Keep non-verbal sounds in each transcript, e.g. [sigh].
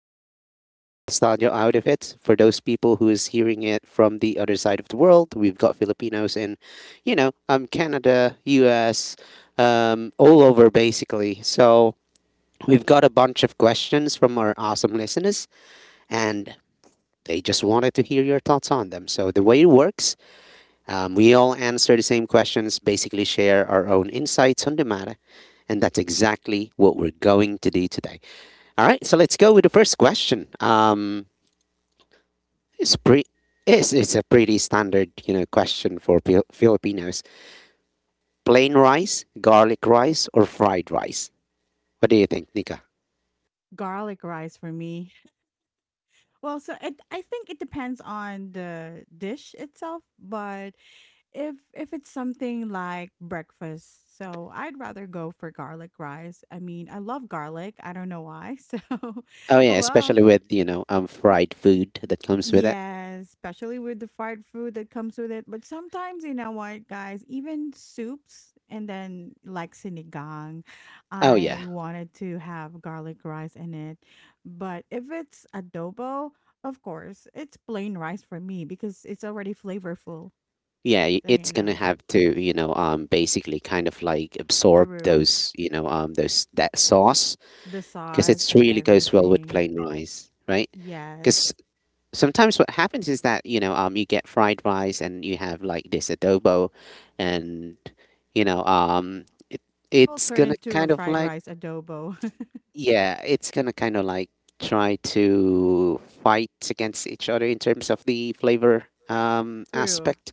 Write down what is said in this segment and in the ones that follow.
little nostalgia out of it for those people who is hearing it from the other side of the world. We've got Filipinos in, Canada, US, all over, basically. So we've got a bunch of questions from our awesome listeners, and they just wanted to hear your thoughts on them. So the way it works, we all answer the same questions, basically share our own insights on the matter, and that's exactly what we're going to do today. All right, so let's go with the first question. It's pretty. It's a pretty standard, question for Filipinos. Plain rice, garlic rice, or fried rice? What do you think, Nika? Garlic rice for me. Well, I think it depends on the dish itself, but if it's something like breakfast, so I'd rather go for garlic rice. I mean, I love garlic, I don't know why. [laughs] Oh yeah, oh well especially with fried food that comes with it. yeah, especially with the fried food that comes with it. But sometimes, you know what, guys, even soups and then like sinigang, Oh yeah, I wanted to have garlic rice in it. But if it's adobo, of course it's plain rice for me because it's already flavorful. yeah so, it's you gonna know have to basically kind of like absorb True. those, those that sauce, The because it sauce and really goes well with everything. plain rice, right? Because Yes. sometimes what happens is that, you get fried rice and you have like this adobo, and, you know um it, It will it's turn gonna into kind a of fried like, rice adobo. [laughs] yeah, it's gonna kind of like try to fight against each other in terms of the flavor True. aspect.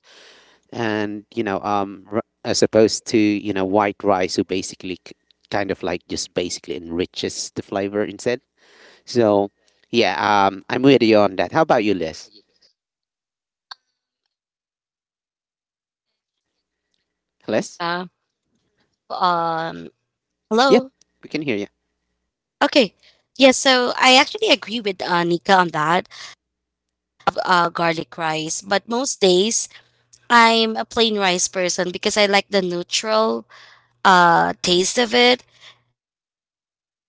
And, as opposed to, white rice, who basically kind of like just basically enriches the flavor instead. So yeah, I'm with you on that. How about you, Liz? Uh, Liz? um, hello. Yep, we can hear you. Okay. Yeah, so I actually agree with Nika on that of garlic rice, but most days I'm a plain rice person because I like the neutral taste of it, let's say.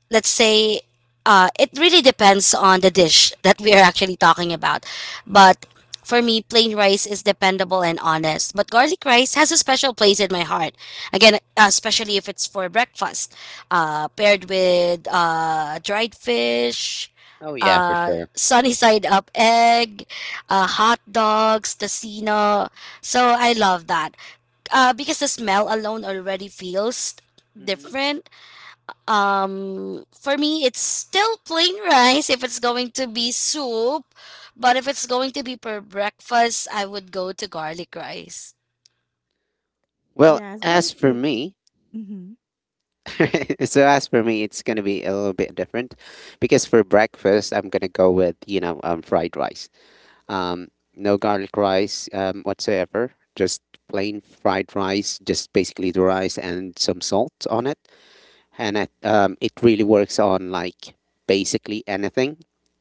It really depends on the dish that we are actually talking about. But for me, plain rice is dependable and honest. But garlic rice has a special place in my heart. Again, especially if it's for breakfast, paired with dried fish, Oh yeah, for sure. sunny [laughs] side up egg, hot dogs, tocino. So I love that, because the smell alone already feels Hmm. different. For me, it's still plain rice if it's going to be soup, but if it's going to be for breakfast, I would go to garlic rice. Well, Yes, as but for yeah. me, Mm-hmm. [laughs] so as for me, it's gonna be a little bit different because for breakfast I'm gonna go with, fried rice. Um, no garlic rice, whatsoever. Just plain fried rice, just basically the rice and some salt on it. And it really works on like basically anything.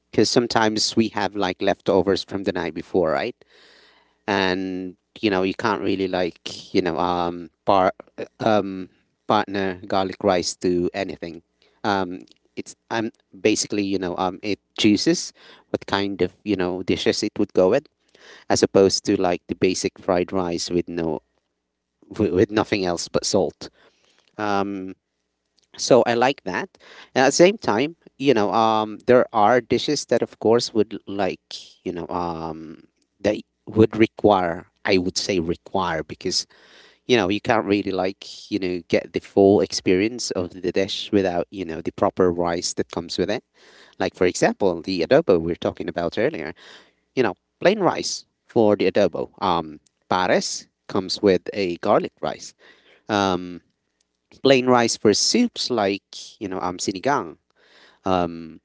Because sometimes we have like leftovers from the night before, right? And you can't really like, um partner garlic rice to anything. Um, it's basically, it chooses what kind of, dishes it would go with, as opposed to like the basic fried rice with no, with nothing else but salt. Um, so I like that. And at the same time, you know, there are dishes that, of course, would like, that would require. I would say require because, you can't really like, get the full experience of the dish without, the proper rice that comes with it. Like for example, the adobo we were talking about earlier, you know, plain rice for the adobo. Pares comes with a garlic rice. Um, Plain rice for soups like, you know, sinigang. Um,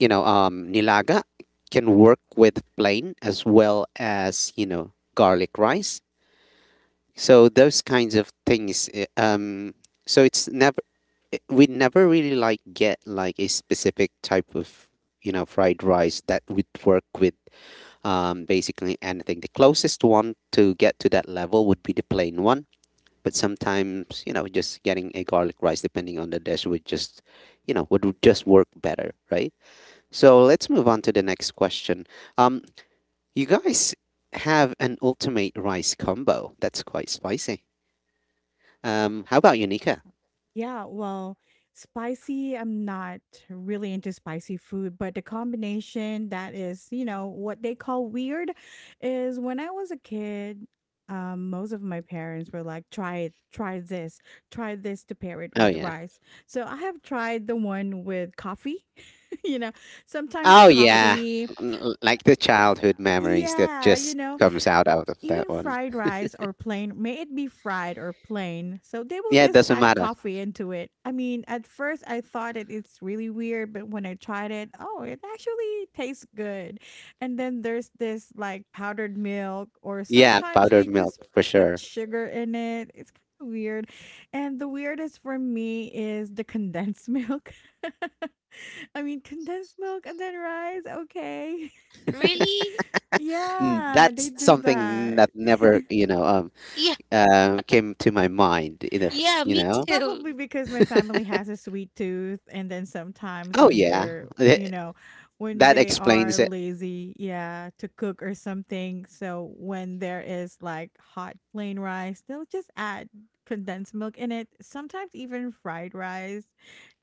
you know, nilaga can work with plain as well as, you know, garlic rice. So those kinds of things. So it's never, we never really like get like a specific type of, you know, fried rice that would work with, basically anything. The closest one to get to that level would be the plain one, but sometimes, you know, just getting a garlic rice depending on the dish would just, you know, would just work better, right? So let's move on to the next question. Um, you guys have an ultimate rice combo that's quite spicy. How about you, Nika? Yeah, well, spicy, I'm not really into spicy food, but the combination that is, you know, what they call weird is when I was a kid, most of my parents were like, try it, try this, try this, to pair it Oh with yeah, rice. So I have tried the one with coffee, [laughs] you know, sometimes oh Mm. yeah, coffee. Like the childhood memories that Yeah, you just know, comes out out of that even one. fried rice or plain, may it be fried or plain. So they will Yeah, it just doesn't add matter. coffee into it. I mean, at first I thought it's really weird, but when I tried it, oh, it actually tastes good. And then there's this like powdered milk, or Yeah, sometimes powdered they milk just for put sure. sugar in it. It's kind of weird. And the weirdest for me is the condensed milk. [laughs] I mean, condensed milk and then rice, okay. [laughs] Really? Mm, Yeah, they that's do something that. that [laughs] never, you know, Yeah, came to my mind. Yeah, You me know, too. Probably because my family has a sweet tooth, and then sometimes oh when yeah, they're, you th- know, when that they explains are it. lazy, yeah, to cook or something. So when there is like hot plain rice, they'll just add condensed milk in it, sometimes even fried rice.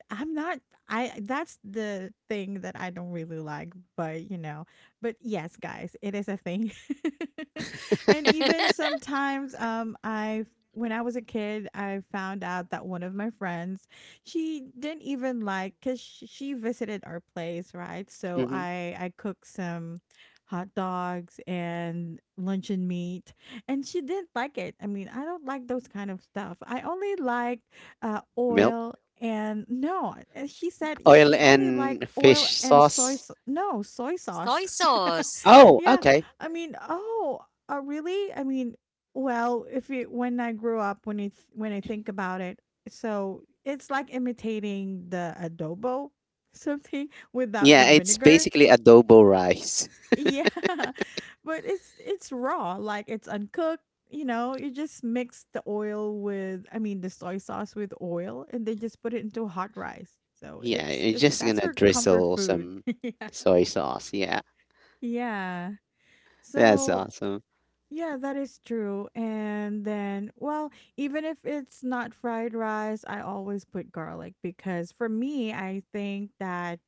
I'm not I That's the thing that I don't really like, but you know, but yes, guys, it is a thing. [laughs] and [laughs] even sometimes I When I was a kid, I found out that one of my friends, she didn't even like, cuz she visited our place, right? So Hmm. I cooked some hot dogs and luncheon meat, and she didn't like it. I mean, I don't like those kind of stuff. I only like Milk, oil and no, and he said oil, she only like and oil fish and soy. sauce. Sau- No, soy sauce. Soy sauce. [laughs] Oh, yeah, okay. I mean, oh, Really? I mean, well, if you when I grew up, when you th- when I think about it, so it's like imitating the adobo, something without the Yeah, it's vinegar. basically adobo rice. [laughs] Yeah, [laughs] but it's raw, like it's uncooked. You know, you just mix the oil with, I mean, the soy sauce with oil, and they just put it into hot rice. So Yeah, you're it's just that's gonna her comfort drizzle food. some [laughs] yeah. soy sauce. Yeah, Yeah. that's So awesome. yeah, that is true. And then, well, even if it's not fried rice, I always put garlic because for me, I think that,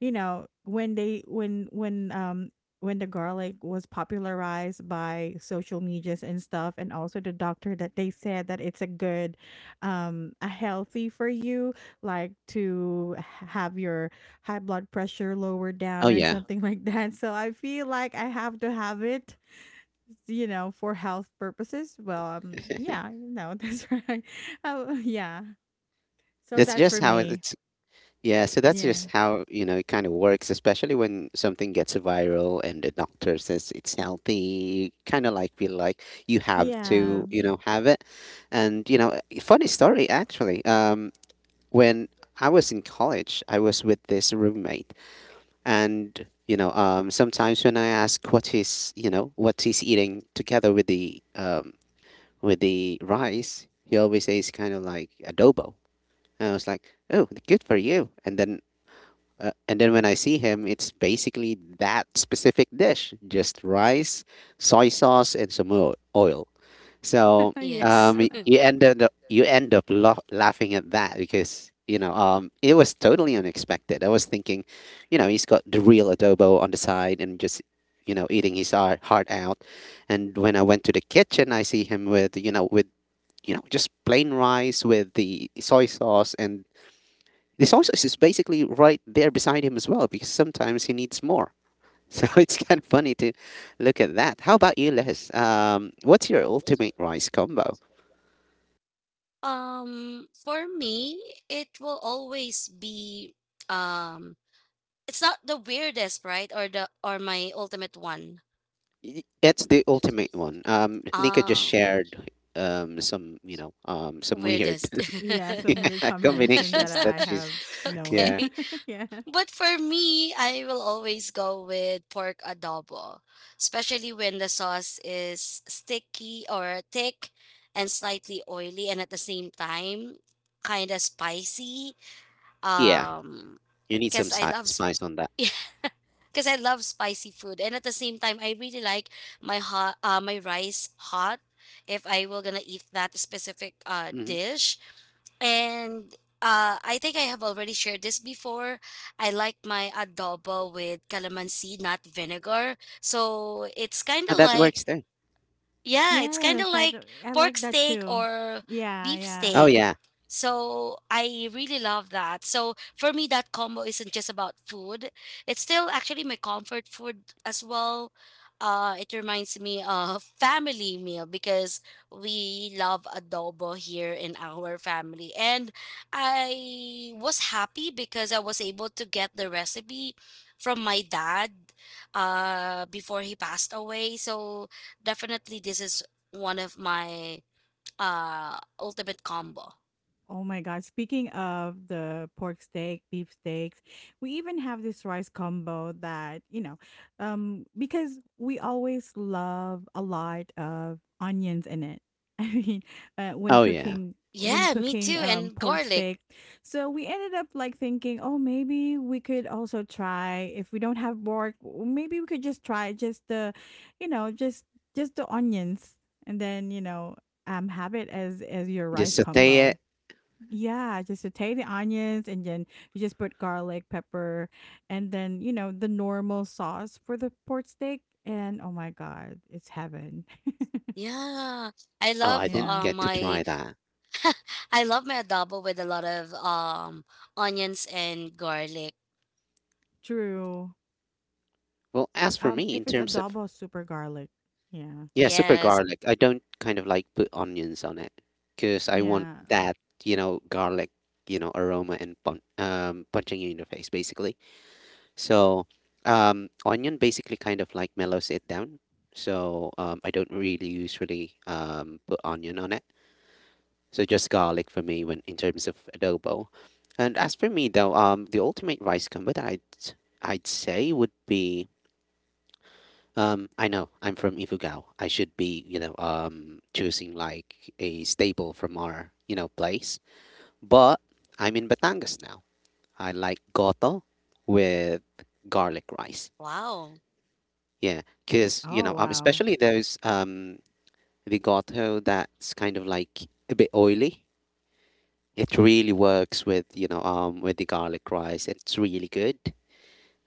you know, when the garlic was popularized by social medias and stuff, and also the doctor that they said that it's a good a healthy for you, like to have your high blood pressure lower Oh down or yeah, something [laughs] like that, so I feel like I have to have it, you know, for health purposes. Well, yeah, [laughs] you know, [laughs] that's right. Oh, yeah. So that's that's just for how me. it Yeah, so that's Yeah. just how, you know, it kind of works, especially when something gets viral and the doctor says it's healthy, kind of like feel like you have Yeah. to, you know, [laughs] have it. And, you know, a funny story actually. When I was in college, I was with this roommate, and, you know, sometimes when I ask what he's, you know, what he's eating together with the, with the rice, he always says kind of like adobo. And I was like, "Oh, good for you." And then, and then when I see him, it's basically that specific dish: just rice, soy sauce, and some oil. So, Yeah. Yes. You end up laughing at that because, you know, it was totally unexpected. I was thinking, you know, he's got the real adobo on the side and just, you know, eating his heart out. And when I went to the kitchen, I see him with, you know, just plain rice with the soy sauce, and the sausage is basically right there beside him as well because sometimes he needs more. [laughs] So it's kind of funny to look at that. How about you, Les? What's your ultimate rice combo? For me, it will always be um it's not the weirdest, right? Or my ultimate one. It's the ultimate one. Nika just Uh shared, some, you know, some weird Weirdest. Yeah. [laughs] [laughs] Some weird yeah, combination that combinations that I she's, have known. yeah, Okay. [laughs] yeah. But for me, I will always go with pork adobo, especially when the sauce is sticky or thick and slightly oily and at the same time kind of spicy. yeah. Um You need some cuz I love sp spice on that. Because I love spicy food and at the same time I really like my hot my rice hot if I will going to eat that specific Hmm. dish. And I think I have already shared this before. I like my adobo with calamansi, not vinegar. So it's kind of That works like, too. yeah, it's kind Yes. of That, like I pork like that steak too. or Yeah. beef Yeah. Oh steak. yeah, So I really love that. So for me, that combo isn't just about food. It's still actually my comfort food as well. It reminds me of family meal because we love adobo here in our family. And I was happy because I was able to get the recipe from my dad before he passed away. So definitely this is one of my ultimate combo. Oh my god, speaking of the pork steak, beef steaks, we even have this rice combo that, you know, because we always love a lot of onions in it. [laughs] I mean, oh yeah. When Yeah, me cooking too, and pork garlic. steak. So we ended up like thinking, "Oh, maybe we could also try if we don't have pork, maybe we could just try just the, you know, just the onions and then, you know, have it as your Just rice saute combo." it. Yeah, just saute the onions and then you just put garlic, pepper, and then, you know, the normal sauce for the port steak. And oh my God, it's heaven. [laughs] Yeah, I Oh, I love didn't yeah, get to my try that. I love my adobo with a lot of onions and garlic. true. Well, as for me, If in it's terms of, adobo, super garlic. Yeah, yeah, super Yes. garlic. I don't kind of like put onions on it because I want yeah. that, you know, garlic, you know, aroma and punching you in the face, basically. So, onion basically kind of like mellows it down. So, I don't really usually, put onion on it. So, just garlic for me when in terms of adobo. And as for me though, the ultimate rice combo that I'd say would be. I know I'm from Ifugao. I should be, you know, choosing like a staple from our, you know, place. But I'm in Batangas now. I like goto with garlic rice. Wow. Yeah, because you Oh, know, wow. especially those, the goto that's kind of like a bit oily. It really works with, with the garlic rice. It's really good.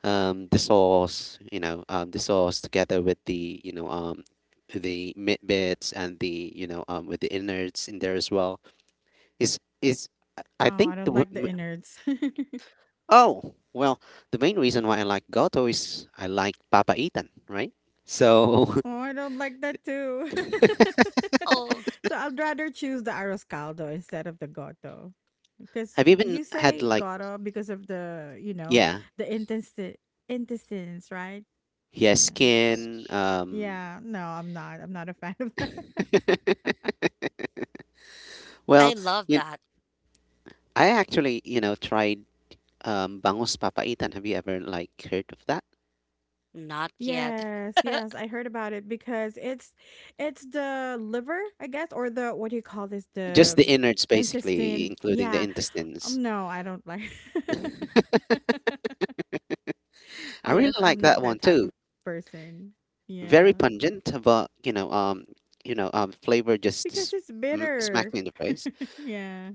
The sauce, you know, the sauce together with the, you know, the mid bits and the, you know, with the innards in there as well. Is I Oh, I think don't the like w- the m- innards. [laughs] oh well, The main reason why I like goto is I like papaitan, right? So Oh, I don't like that too. [laughs] Oh, So I'd rather choose the arroscaldo instead of the goto. [laughs] Because I've even you had say like goto because of the, you know, yeah, the intestines, right? yeah, Yeah. skin. Yeah, no, I'm not a fan of that. [laughs] [laughs] well, I love you that. I actually you know tried, bangus papaitan. Have you ever like heard of that? Not yet. Yes, [laughs] yes, I heard about it because it's the liver, I guess, or the what do you call this? Just The the innards, basically, intestine. including the Yeah. intestines. No, I don't like. [laughs] I really Yes, like I'm not that that one type too. of person. Yeah. Very pungent, but you know, flavor just Because it's smack bitter. me in the face. [laughs] Yeah.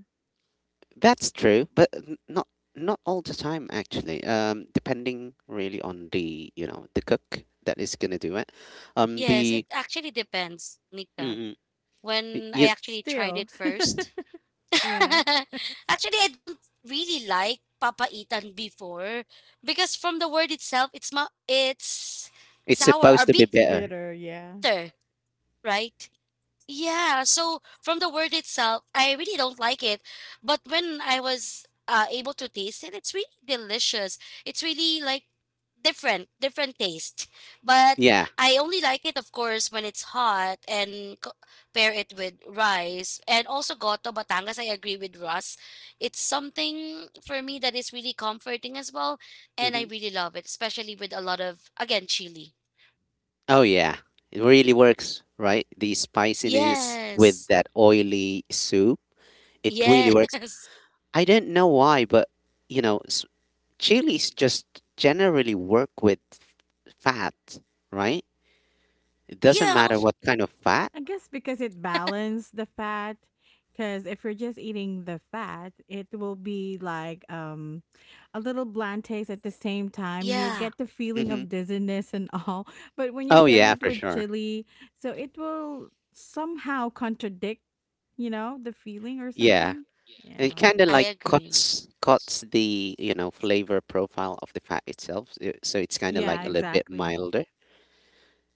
That's true, but not not all the time actually. Depending really on the you know the cook that is gonna do it. Yes, it The actually depends, Nika. mm, When y- I y- actually tried Still. it first. Yeah. [laughs] Actually, I don't really like papaitan before because from the word itself, it's It's sour or supposed to be It's bitter, better. bitter. Yeah. right? Yeah, so from the word itself, I really don't like it. But when I was able to taste it, it's really delicious. It's really like different, different taste. But Yeah. I only like it, of course, when it's hot and pair it with rice. And also goto batangas, I agree with Russ. It's something for me that is really comforting as well. And I Hmm. really love it, especially with a lot of, again, chili. Oh yeah, it really works, right? The spiciness with Yes. that oily soup. It really Yeah. works. I didn't know why, but you know, chilies just generally work with fat, right? It [laughs] doesn't Yeah, matter what kind of fat. I guess because it balanced the fat. Because if you're just eating the fat, it will be like a little bland taste at the same time. You'll yeah, get the feeling Hmm. of dizziness and all. [laughs] But when you Oh pair yeah, it for with sure. chili, so it will somehow contradict, you know, the feeling or Yeah, something. it Yeah. kind of I like agree. Cuts the you know flavor profile of the fat itself, so so it's kind of like Yeah, a little Mm, bit exactly. milder.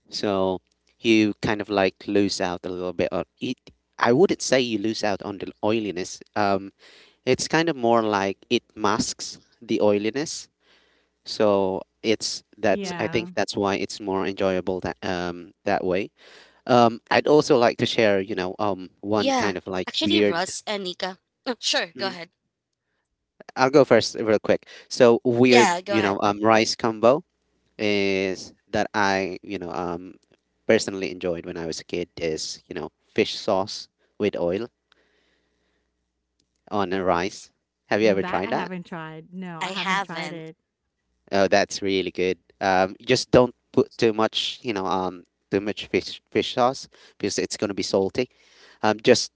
So you kind of like lose out a little bit on it. I wouldn't say you lose out on the oiliness. It's kind of more like it masks the oiliness. mm. So it's that's I Yeah. think that's why it's more enjoyable that that way. I'd also like to share, you know, Actually, Russ one and kind of Nika. like Oh, weird. sure, go ahead. Mhm. I'll go first real quick. So weird, Yeah, go you know, ahead. um rice combo is that I personally enjoyed when I was a kid is fish sauce with oil on a rice. Have you ever That tried I that? haven't tried. No, I I haven't tried it. haven't. Oh, that's really good. Just don't put too much, too much fish sauce because it's going to be salty. Just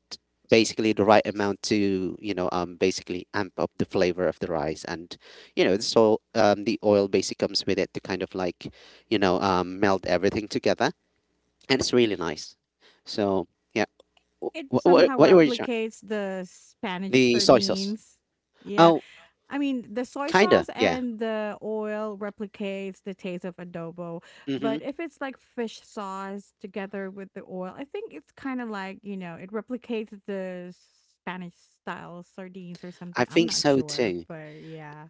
basically the right amount to, basically amp up the flavor of the rice, and the oil basically comes with it to kind of like, melt everything together, and it's really nice. So yeah, It somehow what were you trying? replicates the Spanish The soy sauce. sardines. Yeah. Oh, I mean, the soy kinda, sauce yeah. and the oil replicates the taste of adobo. Mm-hmm. But if it's like fish sauce together with the oil, I think it's kind of like, you know, it replicates the Spanish style sardines or I something. I'm think not so sure, too. but yeah.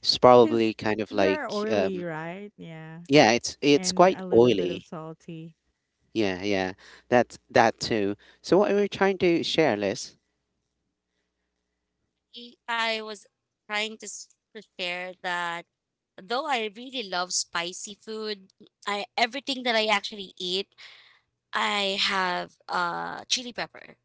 It's Cuz probably kind of they're like oily, right? Yeah. yeah, it's And quite a little bit of oily. salty. Yeah, yeah. That that too. So what we're trying to share is I was trying to, to share that though I really love spicy food, I everything that I actually eat, I have chili pepper.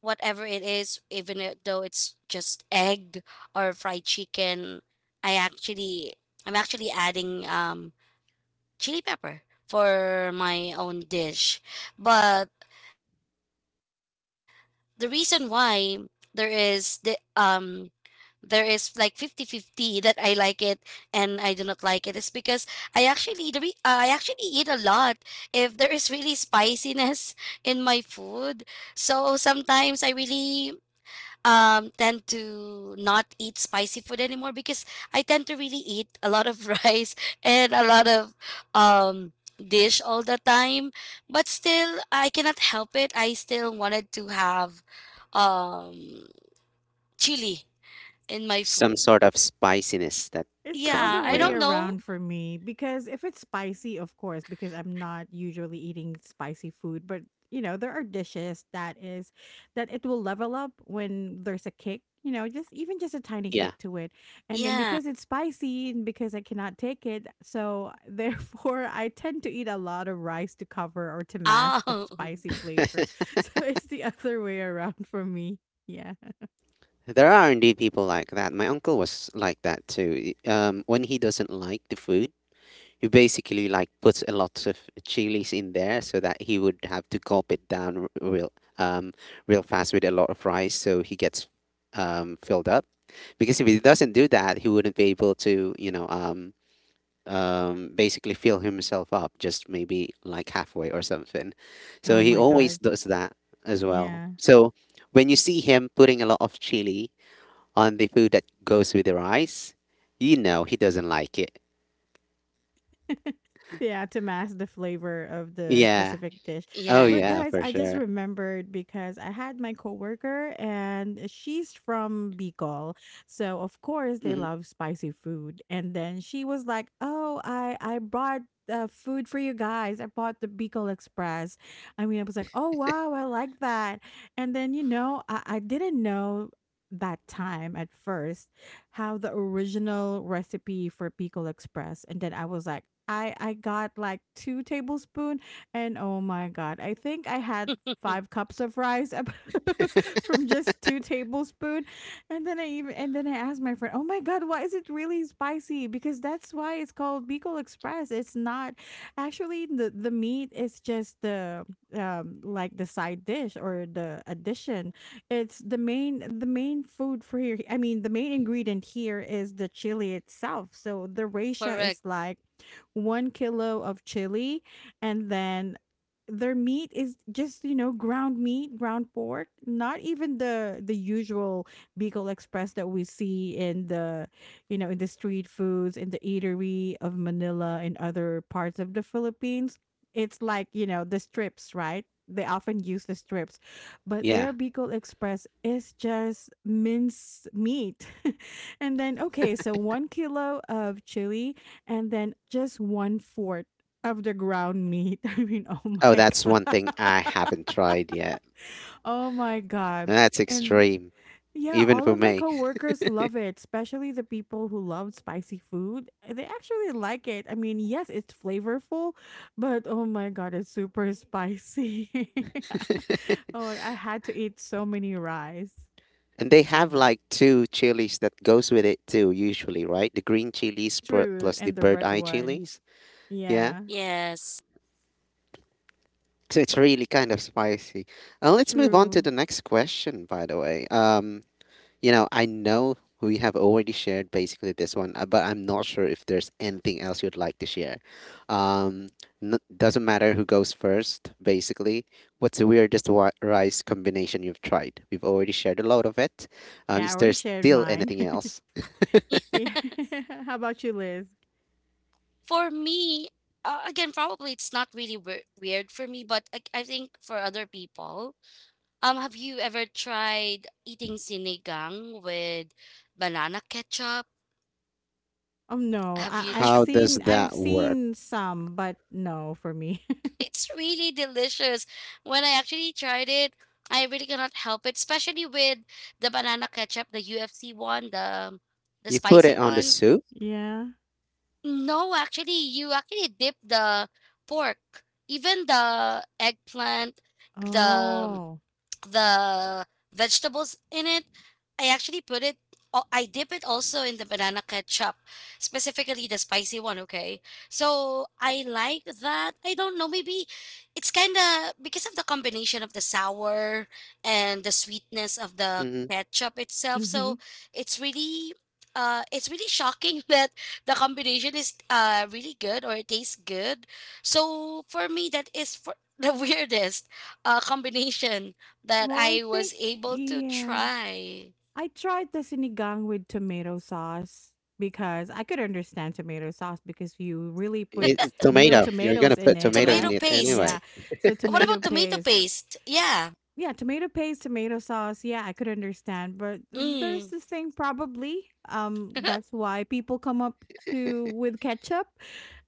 Whatever it is, even though it's just egg or fried chicken, I actually I'm actually adding chili pepper for my own dish. But the reason why there is the um there is like 50 50 that I like it and I do not like it is because I actually eat a lot if there is really spiciness in my food. So sometimes I really tend to not eat spicy food anymore because I tend to really eat a lot of [laughs] rice and a lot of dish all the time. But still I cannot help it. I still wanted to have um chili in my some food. sort of spiciness that It's the come, Yeah, other I you way know. don't know. around for me because if it's spicy, of course, because I'm not usually eating spicy food, but you know, there are dishes that it will level up when there's a kick, you know, just even just a tiny Yeah. kick to it. And then Yeah. because it's spicy and because I cannot take it, so [laughs] therefore I tend to eat a lot of rice to cover or to mask the Oh, spicy flavor. [laughs] So it's the other way around for me. Yeah. There are indeed people like that. My uncle was like that too. When he doesn't like the food, he basically like puts a lot of chilies in there so that he would have to gulp it down real um real fast with a lot of rice so he gets filled up. Because if he doesn't do that, he wouldn't be able to, basically fill himself up just maybe like halfway or something. So Oh he my always god. does that as well. Yeah. So when you see him putting a lot of chili on the food that goes with the rice, you know he doesn't like it. [laughs] yeah, to mask the flavor of the Yeah. specific dish. [laughs] Oh yeah. But yeah, guys, for I just sure. remembered because I had my coworker and she's from Bicol. So of course they Hmm. love spicy food. And then she was like, "Oh, I brought food for you guys. I bought the Bicol Express." I mean, I was like, "Oh, wow, I like that." And then, you know, I didn't know that time at first have the original recipe for Pickle Express. And then I was like, I got like 2 tablespoon and oh my god, I think I had [laughs] 5 cups of rice [laughs] from just 2 tablespoon. And then I even and then I asked my friend, oh my god, why is it really spicy? Because that's why it's called Bicol express. It's not actually the meat. It's just the like the side dish or the addition. It's the main food for here. I mean, the main ingredient here is the chili itself. So the ratio Correct. is like 1 kilo of chili, and then their meat is just, you know, ground meat, ground pork. Not even the usual Bicol Express that we see in the, you know, in the street foods in the eatery of Manila and other parts of the Philippines. It's like, you know, the strips, right? They often use the strips, but Yeah. their Bicol Express is just minced meat. [laughs] and then, okay, so 1 kilo of chili and then just 1/4 of the ground meat. [laughs] I mean, oh Oh, my that's one God. thing I haven't tried yet. Oh my God. That's And extreme, yeah, even all for of my me. coworkers love it, especially the people who love spicy food. Eh, they actually like it. I mean, yes, it's flavorful, but oh my God, it's super spicy. [laughs] [laughs] Oh, I had to eat so many rice. And they Yeah. have like two chilies that goes with it too, usually, right? The green chilies True, plus the and the bird red eye one. chilies. Yeah. Yeah, Yes. So it's really kind of spicy. Let's move on to true. the next question, by the way. I know we have already shared basically this one, but I'm not sure if there's anything else you'd like to share. Um, doesn't matter who goes first, basically. What's the weirdest rice combination you've tried? We've already shared a lot of it. Yeah, I Is there already shared still mine. anything [laughs] else? [laughs] Yeah. [laughs] How about you, Liz? For me, again, probably it's not really weird for me, but I think for other people, um, have you ever tried eating sinigang with banana ketchup? Oh no, Have I you tried? How does I've that work? seen some, but no for me. [laughs] [laughs] It's really delicious. When I actually tried it, I really cannot help it, especially with the banana ketchup, the UFC one, the You put spicy it on the one. soup. Yeah. No, actually, you actually dip the pork, even the eggplant, the Oh. the vegetables in it. I actually put it, I dip it also in the banana ketchup, specifically the spicy one, okay? So I like that. I don't know, maybe it's kind of because of the combination of the sour and the sweetness of the Hmm. ketchup itself. So Mhm. it's really. It's really shocking [laughs] that the combination is really good or it tastes good. So for me, that is for the [laughs] weirdest combination that Well, I I think was able to yeah. try. I tried the sinigang with tomato sauce because I could understand tomato sauce because you really put It's real tomato. You're gonna tomatoes in put it, tomato in Tomato right? it [laughs] Yeah. anyway. paste. So What tomato about tomato paste. paste? Yeah. Yeah, tomato paste, tomato sauce. Yeah, I could understand, but there's Mm. this thing probably. That's [laughs] why people come up to with ketchup.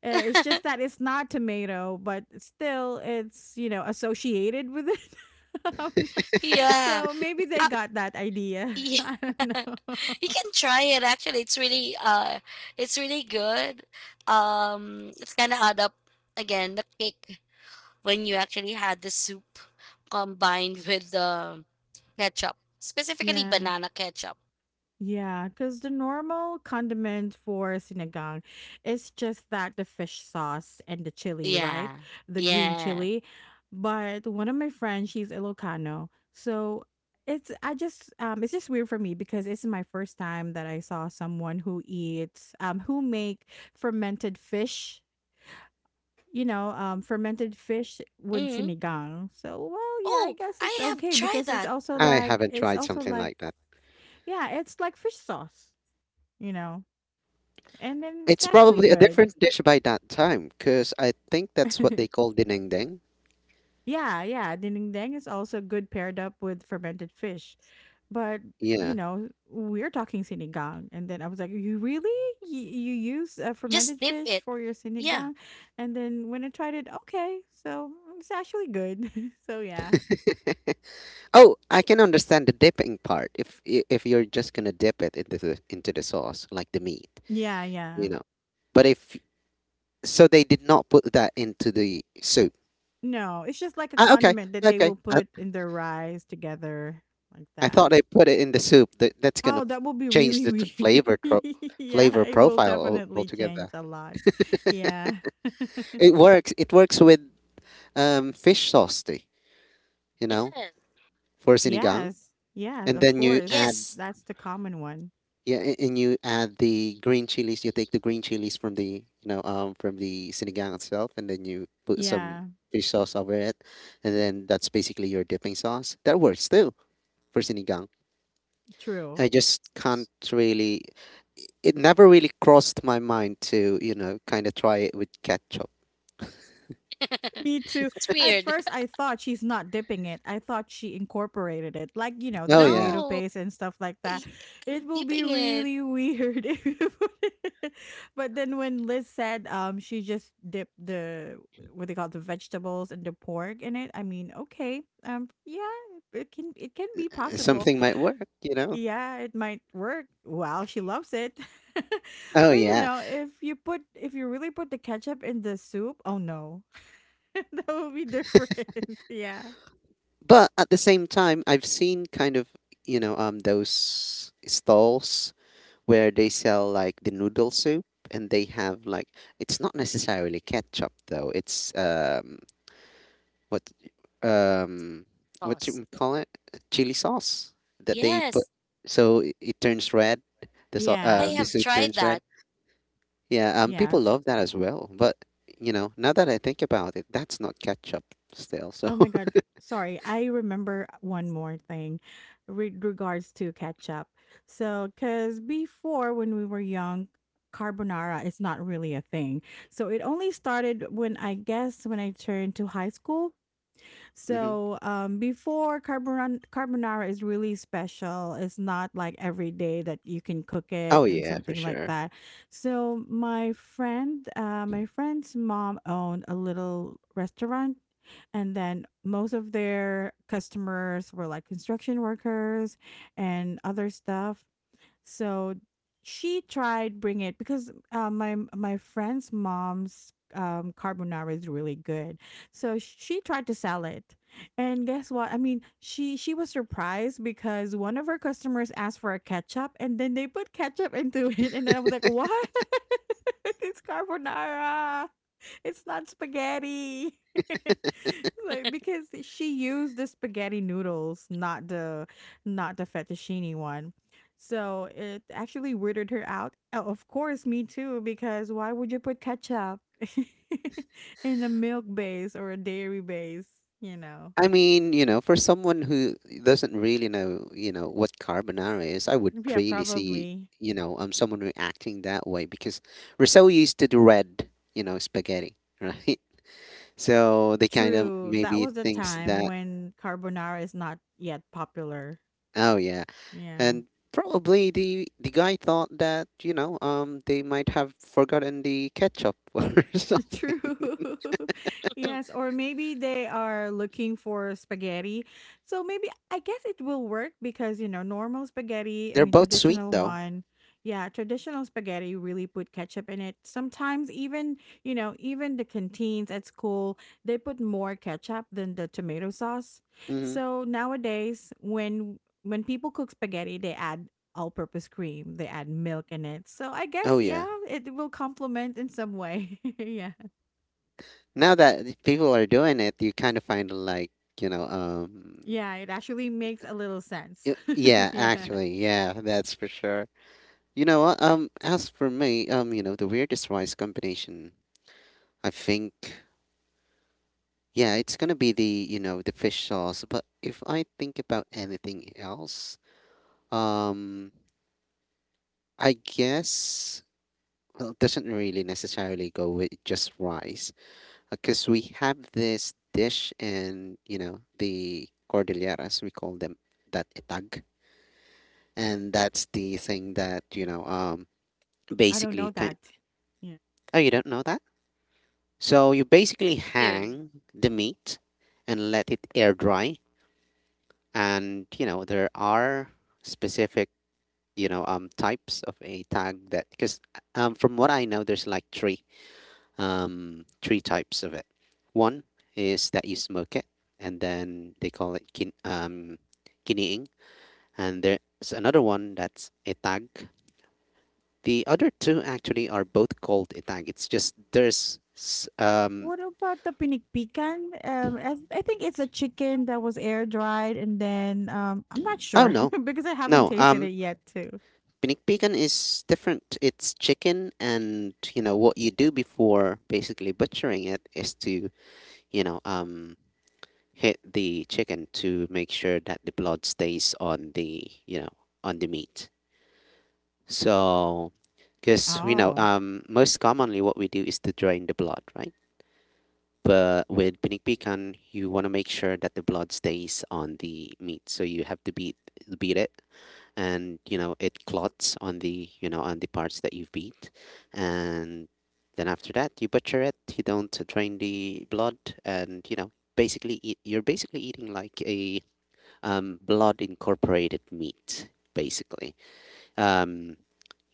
It's just that it's not tomato, but still, it's, you know, associated with it. [laughs] Um, Yeah. so maybe they Uh, got that idea. [laughs] yeah. I don't [laughs] know. [laughs] You can try it actually. It's really good. It's kind of add up again the kick when you actually had the soup combined with the ketchup, specifically Yeah. banana ketchup. Yeah, because the normal condiment for sinigang is just that the fish sauce and the chili, right? Yeah. The green Yeah. chili. But one of my friends, she's Ilocano. So it's I just it's just weird for me because it's my first time that I saw someone who eats who make fermented fish, you know, fermented fish with Mm. sinigang. So well, yeah, I Oh, guess I it's have okay tried because that. I haven't it's tried also something like like that. yeah, it's like fish sauce, you know. And then it's It's actually probably a good. different dish by that time, because I think that's what they [laughs] call dinengdeng. Yeah, yeah. Dinindeng is also good paired up with fermented fish. But, you Yeah. know, we're talking sinigang. And then I was like, you really? You use fermented Just dip fish it. for your Yeah. sinigang? And then when I tried it, okay. So it's actually good. [laughs] Yeah. Oh, I can understand the dipping part. If you're just gonna dip it into the sauce, like the meat, Yeah, yeah. you know. But if so, they did not put that into the soup. No, it's just like a Ah, okay, condiment that they okay. will put in their rice together like I that. thought they put it in the soup. That's gonna Oh, that will be change really the weird. flavor tro [laughs] Yeah, flavor it will profile definitely change altogether. a lot. Yeah. It works. It works with fish sauce, too, you know, Yes. for sinigang, Yes. Yes, and of then you course. add, Yes. That's the common one. yeah, and you add the green chilies. You take the green chilies from the from the sinigang itself, and then you put some Yeah, fish sauce over it, and then that's basically your dipping sauce. That works too for sinigang. true. I just can't really. It never really crossed my mind to you know kind of try it with ketchup. [laughs] Me too. It's At weird. first, [laughs] I thought she's not dipping it. I thought she incorporated it, like, you know, the Oh yeah, tomato No, paste and stuff like that. y- It I'm will be dipping it really weird [laughs] if you put it. [laughs] But then when Liz said she just dipped the, what they call the vegetables and the pork in it, I mean, okay. Yeah, it can be possible. something might work. You know. Yeah, it might work. Well, she loves it. [laughs] Oh But you yeah, know, if you put if you really put the ketchup in the soup, oh no, [laughs] that would be different. [laughs] Yeah. but at the same time, I've seen kind of those stalls where they sell like the noodle soup, and they have like, it's not necessarily ketchup though, it's what um what do sauce. you call it, chili sauce that they Yes, put, so it turns red, I Yeah. the have soup tried turns red. that Yeah, people Yes. love that as well, but you know, now that I think about it, that's not ketchup still. So Oh my God. Sorry. I remember one more thing with regards to ketchup. So, because before when we were young, carbonara is not really a thing. So, it only started when I guess when I turned to high school. [laughs] hmm, So before carbonara is really special. It's not like every day that you can cook it oh and yeah, for something like sure. that. So my friend, my friend's mom owned a little restaurant, and then most of their customers were like construction workers and other stuff. So she tried bring it because my friend's mom's carbonara is really good. So she tried to sell it, and guess what? I mean, she was surprised because one of her customers asked for a ketchup, and then they put ketchup into [laughs] it, and then I was like, "What? [laughs] it's carbonara." It's not spaghetti. [laughs] like because she used the spaghetti noodles, not the not the fettuccine one. So it actually weirded her out. Oh, of course, me too, because why would you put ketchup [laughs] in a milk base or a dairy base? You know? I mean, you know, for someone who doesn't really know, you know, what carbonara is, I would Yeah, really see, probably. Someone reacting that way because we're so used to the red, you know, spaghetti, right? [laughs] So they kind of True. That maybe was the thinks time that, when carbonara is not yet popular. oh yeah, Yeah. and probably the guy thought that, they might have forgotten the ketchup [laughs] or True. something. [laughs] yes, [laughs] or maybe they are looking for spaghetti. So maybe I guess it will work because, you know, normal spaghetti, I They're mean, both sweet traditional though. one, yeah, traditional spaghetti really put ketchup in it. Sometimes even, you know, even the canteens at school, they put more ketchup than the tomato sauce. Mhm. So nowadays, when people cook spaghetti, they add all-purpose cream, they add milk in it. So I guess Oh yeah, yeah. it will complement in some way. [laughs] yeah. Now that the people are doing it, you kind of find like you know, um, Yeah, it actually makes a little sense. [laughs] Yeah, Yeah. actually, yeah, that's for sure. As for me, the weirdest rice combination, I think, yeah, it's gonna be the you know the fish sauce. But if I think about anything else, um, I guess, well, it doesn't really necessarily go with just rice because we have this dish in you know the cordilleras we call them that itag, and that's the thing that I don't basically know kind, that. Yeah. oh you don't know that. So you basically too. hang the meat and let it air dry, and you know there are specific types of a tag that because from what I know there's like 3 three types of it. One is that you smoke it, and then they call it kiniing. And there's another one that's etag. The other two actually are both called etag. It's just there's um, What about the pinikpikan? I think it's a chicken that was air dried, and then I'm not oh sure no, [laughs] because I haven't no, tasted it yet too. pinikpikan is different. It's chicken, and you know what you do before basically butchering it is to you know um hit the chicken to make sure that the blood stays on the you know on the meat. So because Oh. Most commonly what we do is to drain the blood, right? But with pinik pican you want to make sure that the blood stays on the meat, so you have to beat it, and you know it clots on the you know on the parts that you beat. And then after that you butcher it, you don't drain the blood, and you know basically eat, you're basically eating like a blood incorporated meat, basically. Um,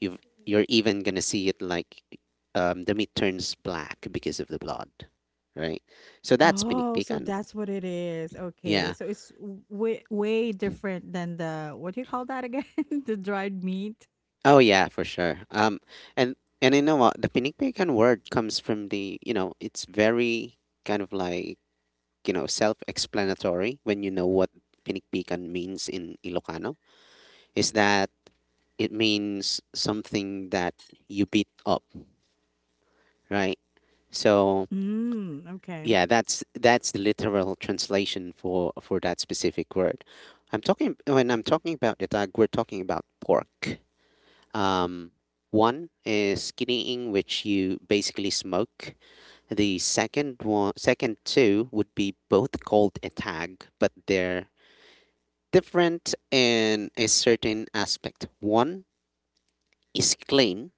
you've, you're even gonna see it like the meat turns black because of the blood, right? So that's Oh, so pinikpikan. that's what it is. Okay. Yeah. So it's w- way way different than the what do you call that again? [laughs] The dried meat. Oh yeah, for sure. And you know what? The pinikpikan word comes from the you know it's very kind of like you know self-explanatory when you know what pinikpikan means in Ilocano. Is that it means something that you beat up, right? So Mm, okay. yeah, that's the literal translation for that specific word. I'm talking about the tag, we're talking about pork. Um, One is skinnying, which you basically smoke. The second one, second two would be both called a tag, but they're different in a certain aspect. One is clean,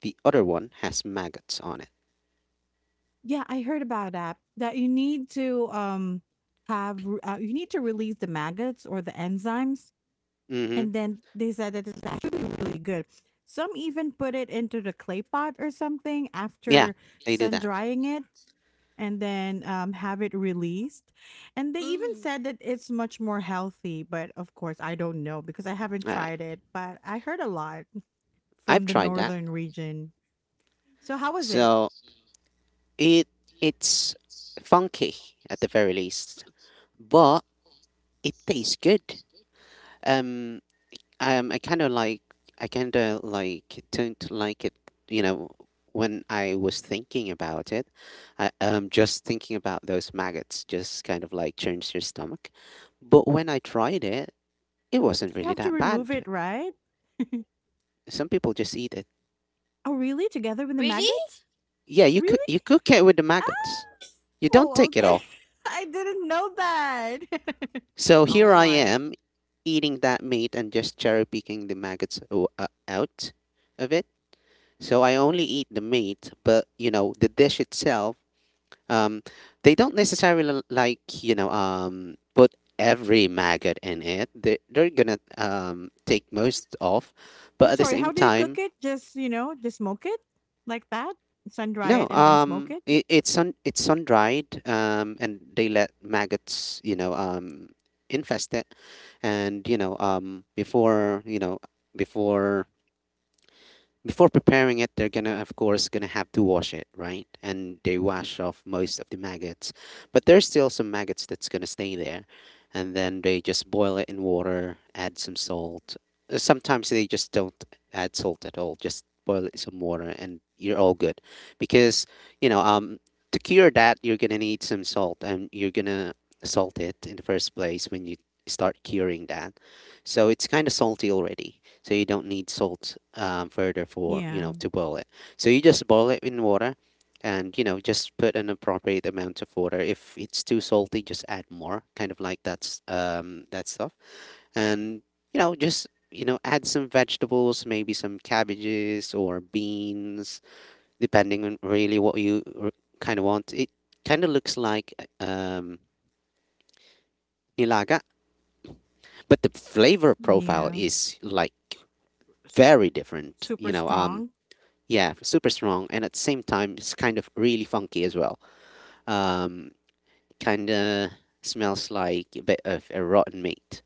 the other one has maggots on it. Yeah, I heard about that. That you need to have you need to release the maggots or the enzymes, Hmm. and then they said that it's actually really good. Some even put it into the clay pot or something Yeah, after they do that. drying it, and then have it released. And they even Mm. said that it's much more healthy. But of course, I don't know because I haven't Uh, tried it. But I heard a lot I've from the tried that. northern region. So how was it? So it it's funky at the very least, but it tastes good. Um, I kind of like I kind of don't like it. You know, when I was thinking about it, just thinking about those maggots just kind of like churns your stomach. But when I tried it, it Of course, wasn't we really have to that remove bad. it, right? Some people just eat it. Oh, really? Together with the Really? maggots? Yeah, Really? you cook it with the maggots. You don't Oh, take it okay. off. [laughs] I didn't know that. [laughs] So here Oh I my. am eating that meat and just cherry picking the maggots out of it. So I only eat the meat, but you know the dish itself. Um, they don't necessarily like you know put every maggot in it. They they're gonna take most off, I'm but at the sorry, how same do you cook time, it? Just, you know, just smoke it like that? Sun dry no. it and then smoke it? It's sun it's sun dried. And they let maggots infest it, and you know before you know before before preparing it they're gonna of course gonna have to wash it, right, and they wash off most of the maggots, but there's still some maggots that's gonna stay there, and then they just boil it in water, add some salt. Sometimes they just don't add salt at all, just boil it in some water and you're all good because you know um to cure that you're gonna need some salt, and you're gonna salt it in the first place when you start curing that, so it's kind of salty already, so you don't need salt further for you Yeah. know to boil it. So you just boil it in water, and you know just put an appropriate amount of water. If it's too salty, just add more, kind of like that's that stuff, and you know just you know add some vegetables, maybe some cabbages or beans, depending on really what you kind of want. It kind of looks like um, nilaga, but the flavor profile Yeah. is like Su- very different. Super strong. Yeah, super strong, and at the same time, it's kind of really funky as well. Um, Kind of smells like a bit of a rotten meat.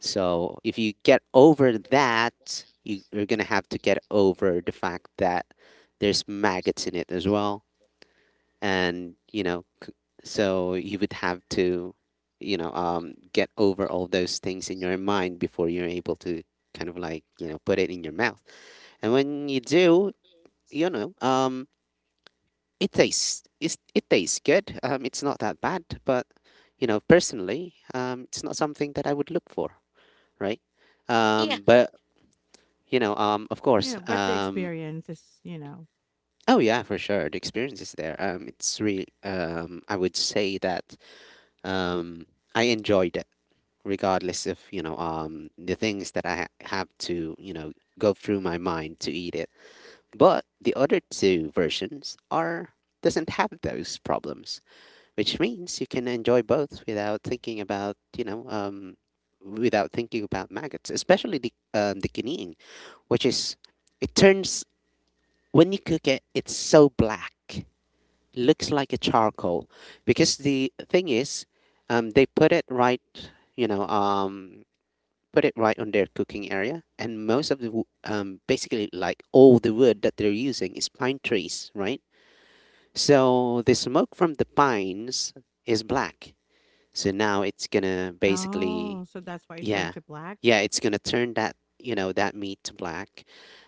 So if you get over that, you're gonna have to get over the fact that there's maggots in it as well, and you know, so you would have to, get over all those things in your mind before you're able to kind of like you know put it in your mouth. And when you do, you know, um It tastes it tastes good. It's not that bad, but you know, personally, it's not something that I would look for, right? Yeah, But you know, of course, Yeah, but the experience is, you know. Oh yeah, for sure, the experience is there. It's really, I would say that um, I enjoyed it, regardless of the things that have to you know go through my mind to eat it. But the other two versions are doesn't have those problems, which means you can enjoy both without thinking about without thinking about maggots, especially the guinean, which is it turns when you cook it, it's so black, looks like a charcoal, because the thing is, they put it right, you know, um, put it right on their cooking area, and most of basically like all the wood that they're using is pine trees, right? So the smoke from the pines is black so now it's gonna basically, Oh, so that's why it turned yeah, to black. yeah, it's gonna turn that, you know, that meat to black.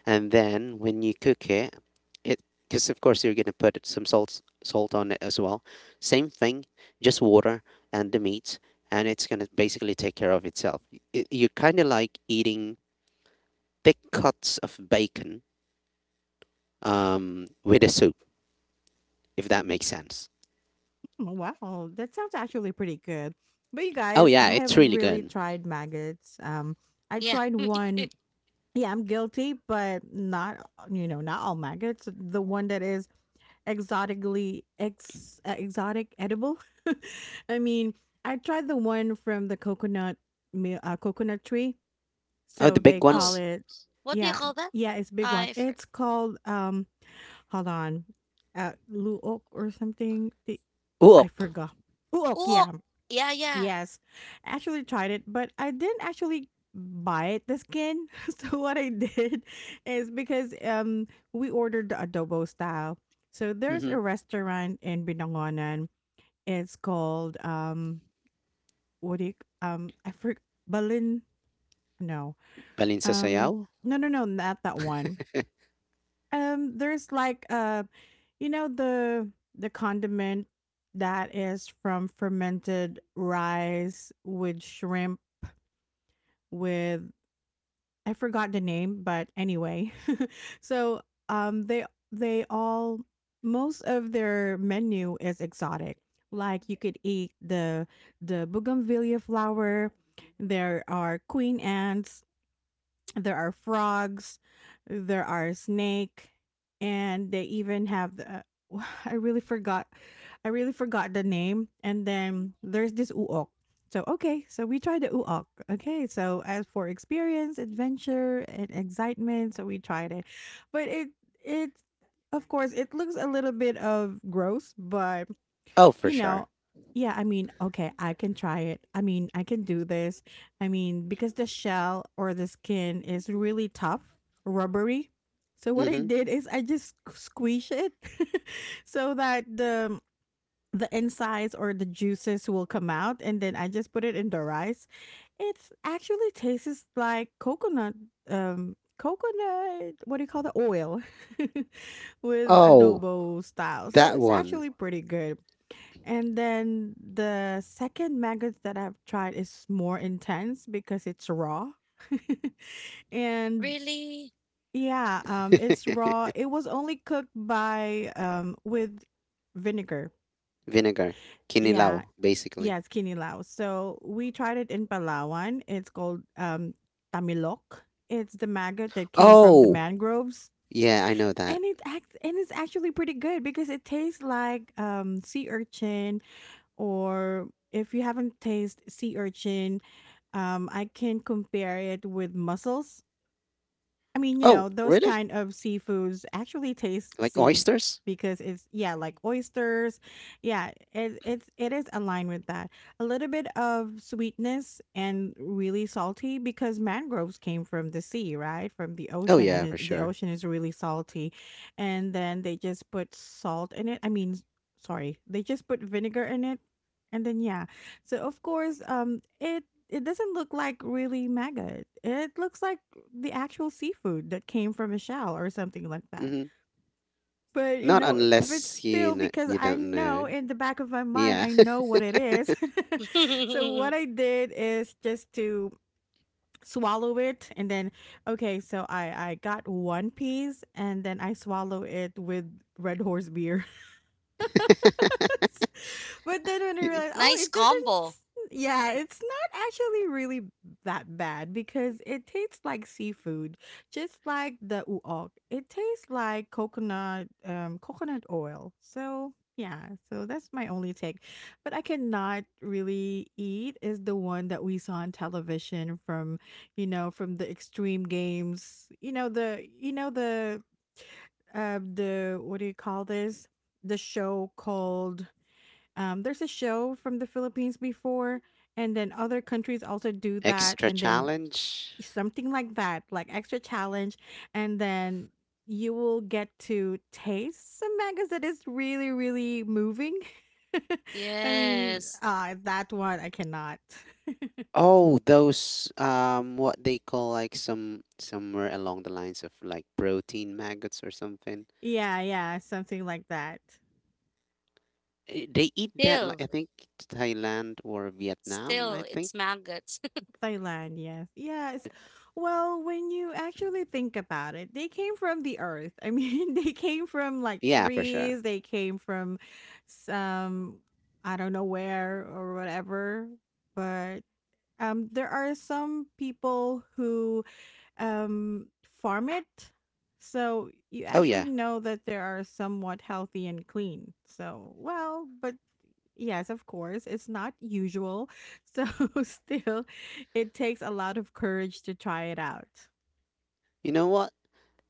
And then when you cook it, it, because of course you're gonna put some salt on it as well. Same thing, just water and the meat, and it's gonna basically take care of itself. It, you're kind of like eating thick cuts of bacon with a soup, if that makes sense. Mm, wow, that sounds actually pretty good. But you Oh guys, I yeah, have it's really really good. tried maggots. I yeah. tried [laughs] one. Yeah, I'm guilty, but not, you know, not all maggots. The one that is exotic edible. [laughs] I mean, I tried the one from the coconut coconut tree. Oh, So the they big Oh, call ones. it, what do you yeah, call that? yeah, it's big one. I for It's called hold on, luok or something. The, I Uok. forgot. Uok, Oh yeah. yeah, yeah. Yes, actually tried it, but I didn't actually buy it, the skin. [laughs] So what I did is because we ordered the adobo style. So there's Mm-hmm. a restaurant in Binangonan. It's called what do you I forget. Balin no Balinsa um sayaw. no no no not that one. There's like you know the condiment that is from fermented rice with shrimp with I forgot the name, but anyway. [laughs] so um they they all most of their menu is exotic. Like you could eat the bougainvillea flower. There are queen ants. There are frogs, there are snake, and they even have the. [laughs] [sighs] I really forgot. I really forgot the name. And then there's this uok. So okay, so we tried the uok. Okay, so as for experience, adventure, and excitement, so we tried it, but it of course it looks a little bit of gross, but Oh, for you sure. know yeah, I mean, okay, I can try it. I mean, I can do this. I mean, because the shell or the skin is really tough, rubbery. So what I Mm-hmm. did is I just squeeze it [laughs] so that the insides or the juices will come out and then I just put it in the rice. It's actually tastes like coconut coconut what do you call the oil [laughs] with Oh, adobo style. So that it's one. actually pretty good. And then the second maggots that I've tried is more intense because it's raw. [laughs] and Really? yeah, it's [laughs] raw. It was only cooked by with vinegar. Vinegar. Kinilaw, Yeah. basically. Yeah, it's kinilaw. So we tried it in Palawan. It's called tamilok. It's the maggot that came from the Oh, mangroves. yeah, I know that. And it acts and it's actually pretty good because it tastes like sea urchin, or if you haven't tasted sea urchin, I can compare it with mussels. I mean, you Oh, know, those really? kind of seafoods actually taste Like sea oysters? because it's yeah, like oysters. Yeah, it it's it is aligned with that. A little bit of sweetness and really salty because mangroves came from the sea, right? From the Oh, ocean and yeah, for it, the sure. ocean is really salty. And then they just put salt in it. I mean, sorry. They just put vinegar in it. And then yeah. So of course, it it doesn't look like really maggot. It looks like the actual seafood that came from a shell or something like that. Mm-hmm. But you Not know, but unless you still, know, because you I don't know. know in the back of my mind, Yeah. I know what it is. [laughs] so what [laughs] I did is just to swallow it and then okay so I got one piece and then I swallow it with red horse beer. [laughs] but then when I realized [laughs] oh Nice it doesn't combo. yeah, it's not actually really that bad because it tastes like seafood, just like the uok. It tastes like coconut, coconut oil. So yeah, so that's my only take. But I cannot really eat is the one that we saw on television from, you know, from the extreme games. You know the what do you call this? The show called there's a show from the Philippines before, and then other countries also do that, Extra and then challenge. something like that, like extra challenge, and then you will get to taste some mangas that is really, really moving. [laughs] I mean, Yes. That one I cannot. [laughs] Oh, those what they call like some somewhere along the lines of like protein maggots or something. Yeah, yeah, something like that. Eh, they eat that like Still, I think Thailand or Vietnam, still, I think. it's maggots. Thailand, yes. Yes. Well, when you actually think about it, they came from the earth. I mean, [laughs] they came from like Yeah, for sure. trees, they came from some I don't know where or whatever, but there are some people who um, farm it. So you Oh yeah. actually know that they are somewhat healthy and clean. So, well, but yes, of course, it's not usual. So, [laughs] still, it takes a lot of courage to try it out. You know what?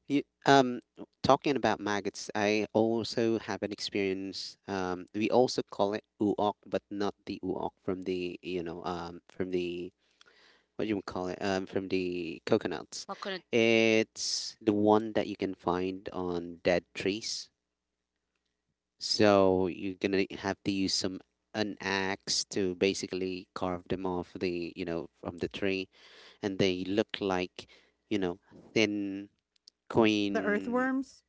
You Talking about maggots, I also have an experience. We also call it uok, but not the uok from the you know from the what do you call it from the coconuts. [laughs] Coconut. It's the one that you can find on dead trees. So you're gonna have to use some an axe to basically carve them off the you know from the tree, and they look like you know thin The queen. earthworms?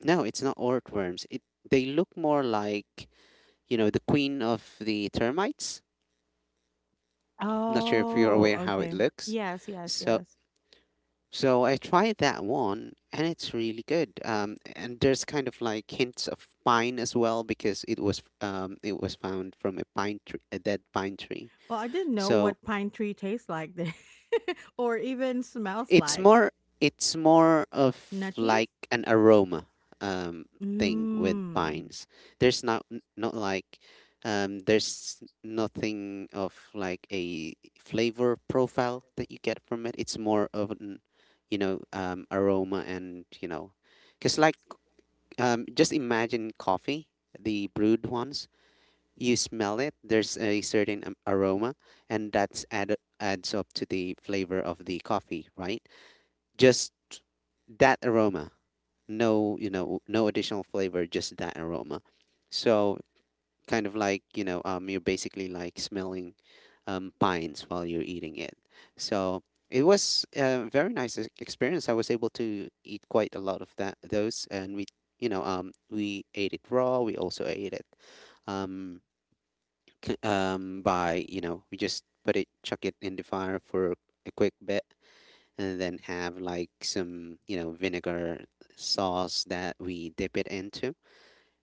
No, it's not earthworms. It they look more like you know the queen of the termites. Not sure if you're Oh, aware how it okay. looks. Yes, yes, So yes. so I tried that one and it's really good. And there's kind of like hints of pine as well because it was found from a pine tree, a dead pine tree. Well, I didn't know So what pine tree tastes like then, [laughs] or even smells It's like. more it's more of Nutty? like an aroma um thing with Mmm. pines. There's not like there's nothing of like a flavor profile that you get from it. It's more of an aroma and you know cuz like just imagine coffee, the brewed ones. You smell it, there's a certain aroma and that's add adds up to the flavor of the coffee, right? Just that aroma, no you know no additional flavor, just that aroma, so kind of like you're basically like smelling pines while you're eating it, so it was a very nice experience. I was able to eat quite a lot of that those and we we ate it raw, we also ate it um, [clears throat] by you know we just put it chuck it in the fire for a quick bit and then have like some, you know, vinegar sauce that we dip it into.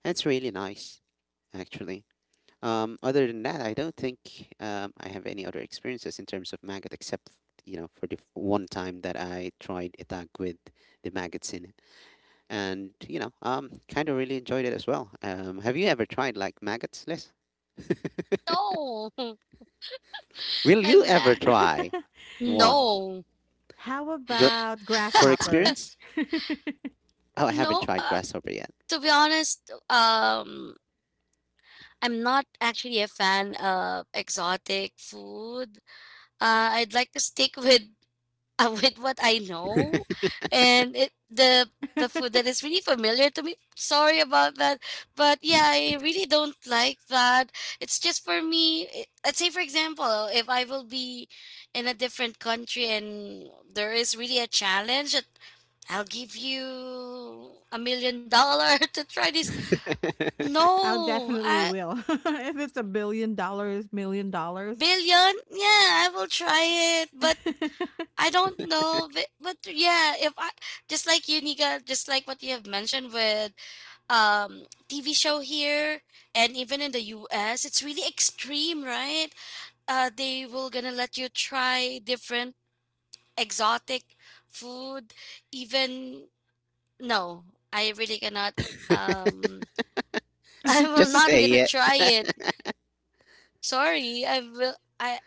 It's really nice, actually. Other than that, I don't think I have any other experiences in terms of maggot except, you know, for the one time that I tried itag with the maggots in it. And, you know, kind of really enjoyed it as well. Have you ever tried like maggots, Liz? No, [laughs] Will you I'm a- ever try one? no. How Ju- about for grasshopper? experience? [laughs] Oh, I haven't No, tried grasshopper yet. to be honest, I'm not actually a fan of exotic food. I'd like to stick with [laughs] with what I know, and it the food that is really familiar to me. Sorry about that, but yeah, I really don't like that. It's just for me. Let's say, for example, if I will be in a different country and there is really a challenge, I'll give you $1 million [laughs] to try this. [laughs] I No, definitely I will. [laughs] If it's a billion dollars, million dollars. Billion. Yeah, I will try it, but [laughs] I don't know. But yeah, if I just like you, Nika, just like what you have mentioned with TV show here and even in the U.S., it's really extreme, right? They will gonna let you try different exotic food. Even no, I really cannot. Um, [laughs] I will Just not say gonna it. try it. Sorry, I will. I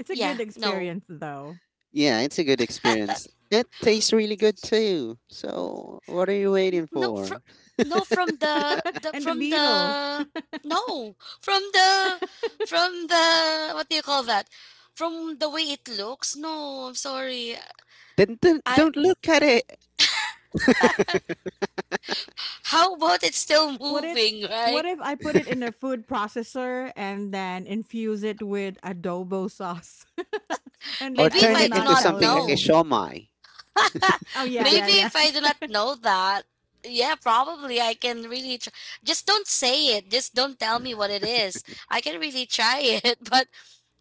It's a Yeah, good no. experience though. Yeah, it's a good experience. It tastes really good too. So what are you waiting No, from for? no from the And the from beetle. the no from the from the what do you call that? From the way it looks. No, I'm sorry. Then I don't look at it How about it's still What if moving, what right? if I put it in a food processor and then infuse it with adobo sauce? [laughs] And or then Maybe I if turn will I it do not into not tell something like a know. Liz. shawmai, [laughs] Oh yeah, yeah, Maybe yeah. if I do not know that. Yeah, probably I can really try. Just don't say it. Just don't tell me what it is. I can really try it, [laughs] but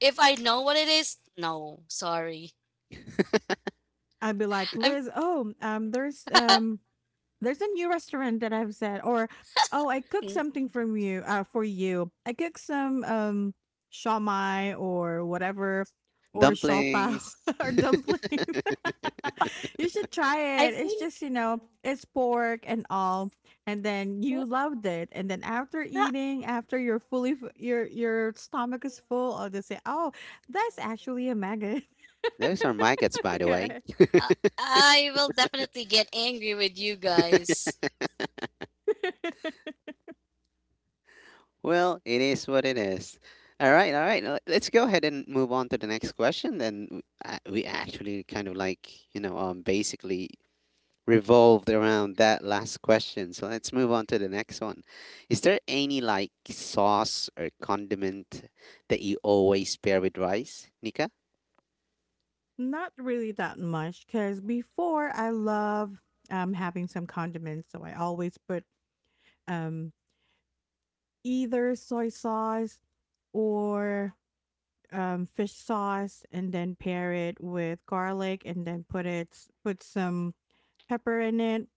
if I know what it is, no, sorry. I'd be like, I'm Liz, oh, there's um, there's a new restaurant that I've said, or oh, I cooked something from you, for you. I cooked some shawmai or whatever, or shaw dumplings. [laughs] or dumpling. Oh, [laughs] You should try I it. It's think just, you know, it's pork and all, and then w- you loved it. And then after no, eating, after you're fully your stomach is full, I'll just say, oh, that's actually a maggot. [laughs] Those are maggots, by the way. Okay. I I will definitely get angry with you guys. [laughs] Well, it is what it is. All right, all right. Let's go ahead and move on to the next question. Then we actually kind of like you know basically revolved around that last question. So let's move on to the next one. Is there any like sauce or condiment that you always pair with rice, Nika? Not really that much, cause before I love, having some condiments, so I always put, um, either soy sauce or, fish sauce and then pair it with garlic and then put it put some pepper in it.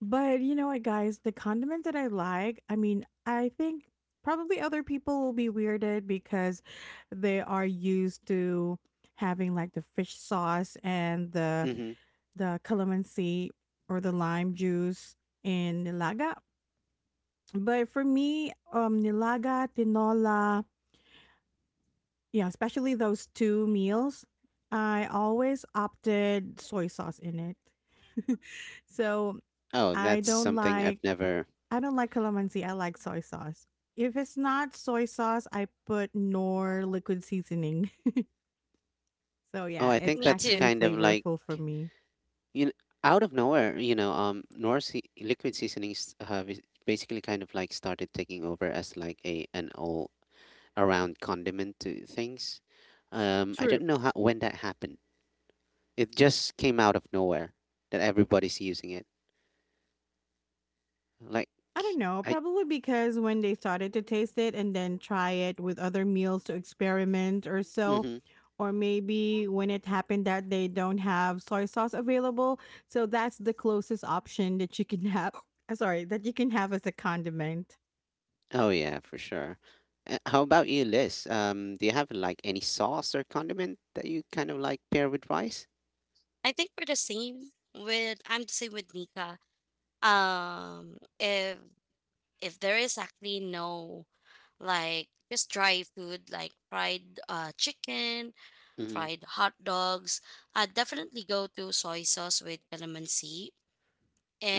But you know what, guys? The condiment that I like, I mean, I think probably other people will be weirded because they are used to having like the fish sauce and the Mm-hmm. the calamansi or the lime juice in nilaga. But for me, nilaga, tinola, yeah, especially those two meals, I always opted soy sauce in it. [laughs] So Oh, I that's don't something like I've never. I don't like calamansi. I like soy sauce. If it's not soy sauce, I put nor liquid seasoning. [laughs] So Oh, yeah, I it's think Me that's too. actually kind of like flavorful for me. you know, out of nowhere. You know, liquid seasonings basically kind of like started taking over as like a an all around condiment to things. I True. don't know how when that happened. It just came out of nowhere that everybody's using it. Like I don't know, I, probably because when they started to taste it and then try it with other meals to experiment or so. hmm Or maybe when it happened that they don't have soy sauce available. So that's the closest option that you can have. [laughs] [coughs] Sorry, that you can have as a condiment. oh yeah, for sure. How about you, Liz? Do you have like any sauce or condiment that you kind of like pair with rice? I think we're the same with I'm the same with Nika. Um if if there is actually no like just dry food like fried chicken, Hmm. fried hot dogs, I'd definitely go to soy sauce with calamansi.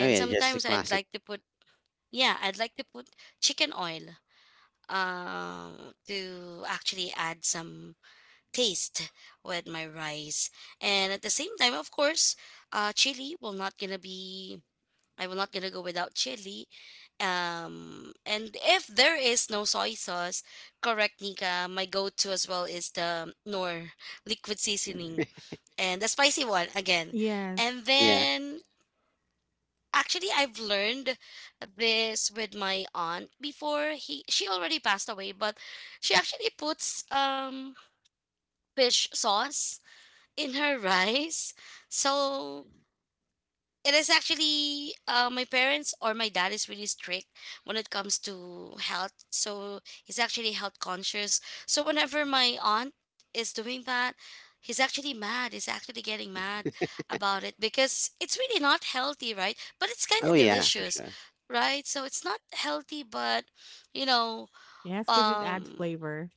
Oh yeah, just the sometimes I'd classic. like to put yeah, I'd like to put chicken oil to actually add some taste with my rice and at the same time of course chili will not gonna be I will not gonna go without chili, and if there is no soy sauce, correct Nika, my go-to as well is the nor liquid seasoning and the spicy one again. Yes. And Yeah. then actually I've learned this with my aunt before, he she already passed away, but she actually puts fish sauce in her rice. So it is actually, my parents or my dad is really strict when it comes to health. So he's actually health conscious. So whenever my aunt is doing that, he's actually mad. He's actually getting mad about it because it's really not healthy, right? But it's kind of Oh yeah, for delicious, sure. right? So it's not healthy, but you know, Yes, because it adds um, flavor.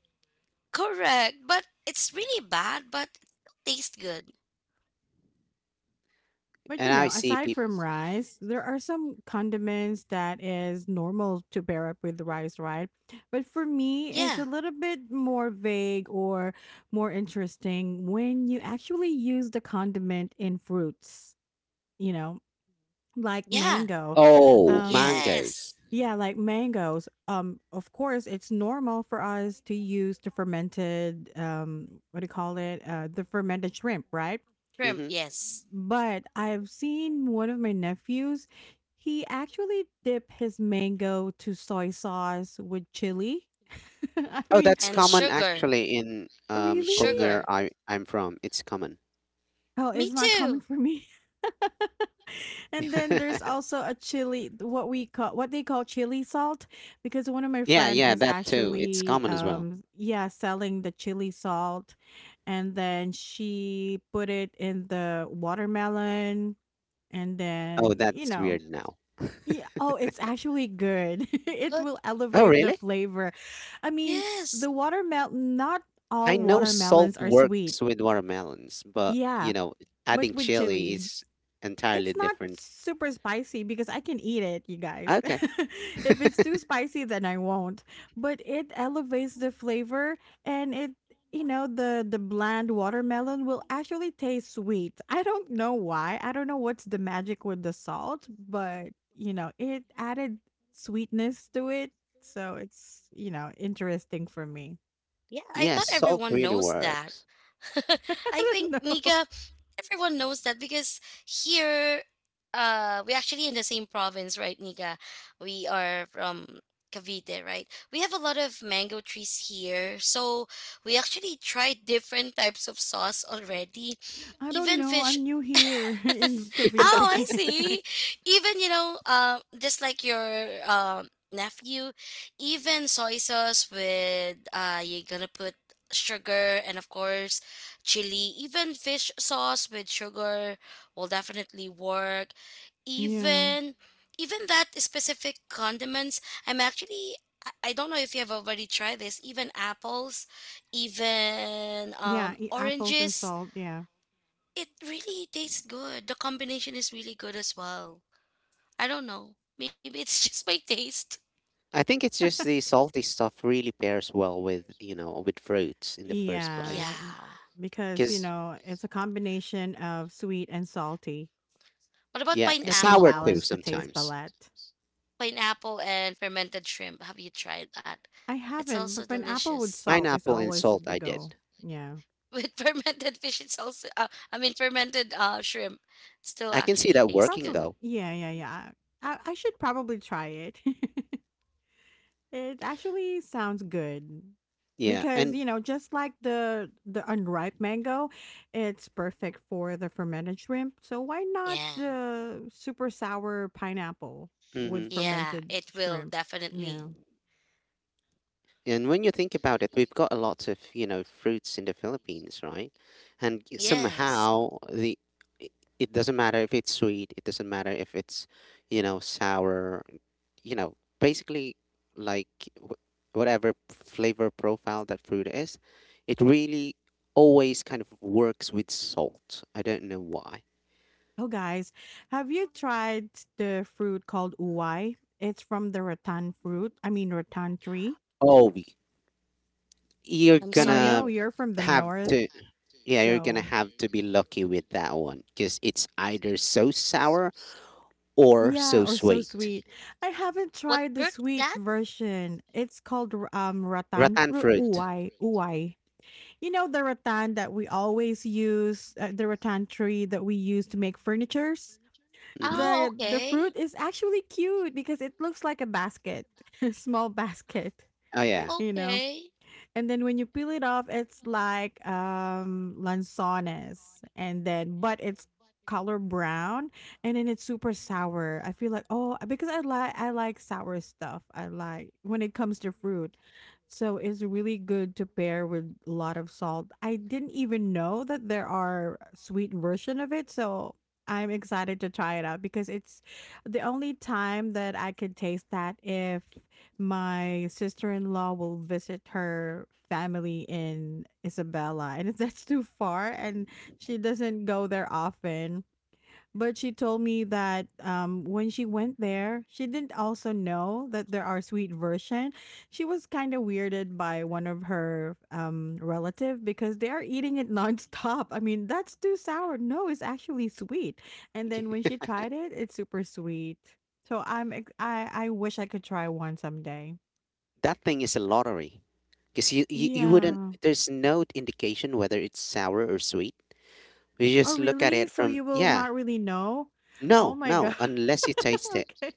correct. But it's really bad, but it tastes good. But, you And I know, see aside people. from rice, there are some condiments that is normal to pair up with rice, right? But for me, Yeah. it's a little bit more vague or more interesting when you actually use the condiment in fruits, you know, like Yeah, mango. Oh, Um, yes, mangoes. yeah, like mangoes. Um, of course, it's normal for us to use the fermented um, what do you call it? Uh, the fermented shrimp, right? shrimp, Hmm. yes. But I've seen one of my nephews, he actually dip his mango to soy sauce with chili. [laughs] I Oh, mean, that's And common sugar, actually in from really? sugar. where I'm from. It's common. Oh, Me it's not common too. for me. [laughs] And then there's [laughs] also a chili, what we call, what they call chili salt, because one of my Yeah, friend yeah, is that too. It's actually, common as well. Yeah, selling the chili salt, and then she put it in the watermelon, and Oh, then you that's know, weird now. yeah. Oh, it's actually good. [laughs] It Good. will Oh, elevate the really? flavor. I mean, Yes. the watermelon, not I all know salt watermelons are sweet. works with watermelons, but you Yeah. know, But adding with chili chili, is entirely it's not different. super spicy because I can eat it, you guys. Okay. [laughs] If it's too spicy, then I won't. But it elevates the flavor and it, you know, the bland watermelon will actually taste sweet. I don't know why. I don't know what's the magic with the salt, but you know, it added sweetness to it. So it's, you know, interesting for me. Yeah, I Yes, thought salt everyone really knows that. works. [laughs] [laughs] I I don't think, know. Mika, everyone knows that because here, we're actually in the same province, right, Mika? We are from Cavite, right? We have a lot of mango trees here. So we actually tried different types of sauce already. I don't Even know. fish I'm new here [laughs] in [laughs] Cavite. oh, I see. [laughs] Even, you know, just like your nephew, even soy sauce with, you're gonna put sugar and, of course, chili. Even fish sauce with sugar will definitely work. Yeah. Even, even that specific condiments. I'm actually, I don't know if you have already tried this. Even apples, even Yeah, e apples and oranges, salt, yeah. it really tastes good. The combination is really good as well. I don't know. Maybe it's [laughs] just my taste. I think it's just the salty stuff really pairs well with, you know, with fruits in the first Yeah, place. m- Yeah. because, you Because, know, it's a combination of sweet and salty What about yeah, that can sour pineapple? too balance the taste sometimes. palette. Pineapple and fermented shrimp. Have you tried that? I It's haven't, also but an apple with delicious. salt is Pineapple and always salt, the I go. did. Yeah. [laughs] With fermented fish, it's also, fermented shrimp, it still I can see actually that tastes working good. Probably. though. Yeah, yeah, yeah. I should probably try it. [laughs] It actually sounds good Yeah, because, and you know, just like the unripe mango, it's perfect for the fermented shrimp. So why not Yeah. the super sour pineapple with mhm. Yeah, fermented it will shrimp? Yeah. definitely. And when you think about it, we've got a lot of, you know, fruits in the Philippines, right? And Yes. somehow i- it doesn't matter if it's sweet, it doesn't matter if it's, you know, sour, you know, basically like wh- whatever flavor profile that fruit is, it really always kind of works with salt. I don't know why. Oh, guys, have you tried the fruit called uwai? It's from the rattan fruit. I mean, rattan tree. Oh, y- you're I'm I sorry. gonna know you're from the have north, to, yeah, you're gonna so have to be lucky with that one because it's either so sour or yeah, so or so sweet. sweet. I haven't What tried the fruit is sweet that? version. It's called um, rattan Rattan fruit fruit. uwai uwai. You know the rattan that we always use, the rattan tree that we use to make furnitures. Hmm. Oh, The okay. fruit is actually cute because it looks like a basket, [laughs] a small basket. Oh yeah, You Oh, know. okay. And then when you peel it off, it's like um, lanzones, and then but it's color brown, and then it's super sour. I feel like oh because I like sour stuff. I like when it comes to fruit, so it's really good to pair with a lot of salt. I didn't even know that there are sweet version of it, so. I'm excited to try it out because it's the only time that I could taste that if my sister-in-law will visit her family in Isabela and [laughs] that's too far and she doesn't go there often. But she told me that when she went there, she didn't also know that there are sweet version. She was kind of weirded by one of her relative because they are eating it [laughs] nonstop. I mean, that's too sour. No, it's actually sweet. And then [laughs] when she tried it, it's super sweet. So I wish I could try one someday. that thing is a lottery because you wouldn't. Yeah. There's no indication whether it's sour or sweet. You Oh, just look at really? it So from you will yeah, not really know? Oh no, my no, God. unless you taste [laughs] it, Okay.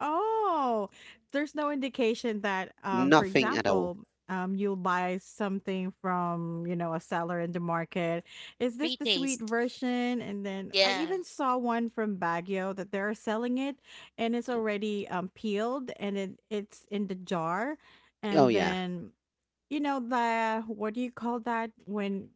Oh, there's no indication that, for nothing at all. example, you'll buy something from, you know, a seller in the market. Is this the sweet Retaste. version? And then I even Yeah. saw one from Baguio that they're selling it and it's already peeled and it's in the jar. Oh And yeah, then, you know, the, what do you call that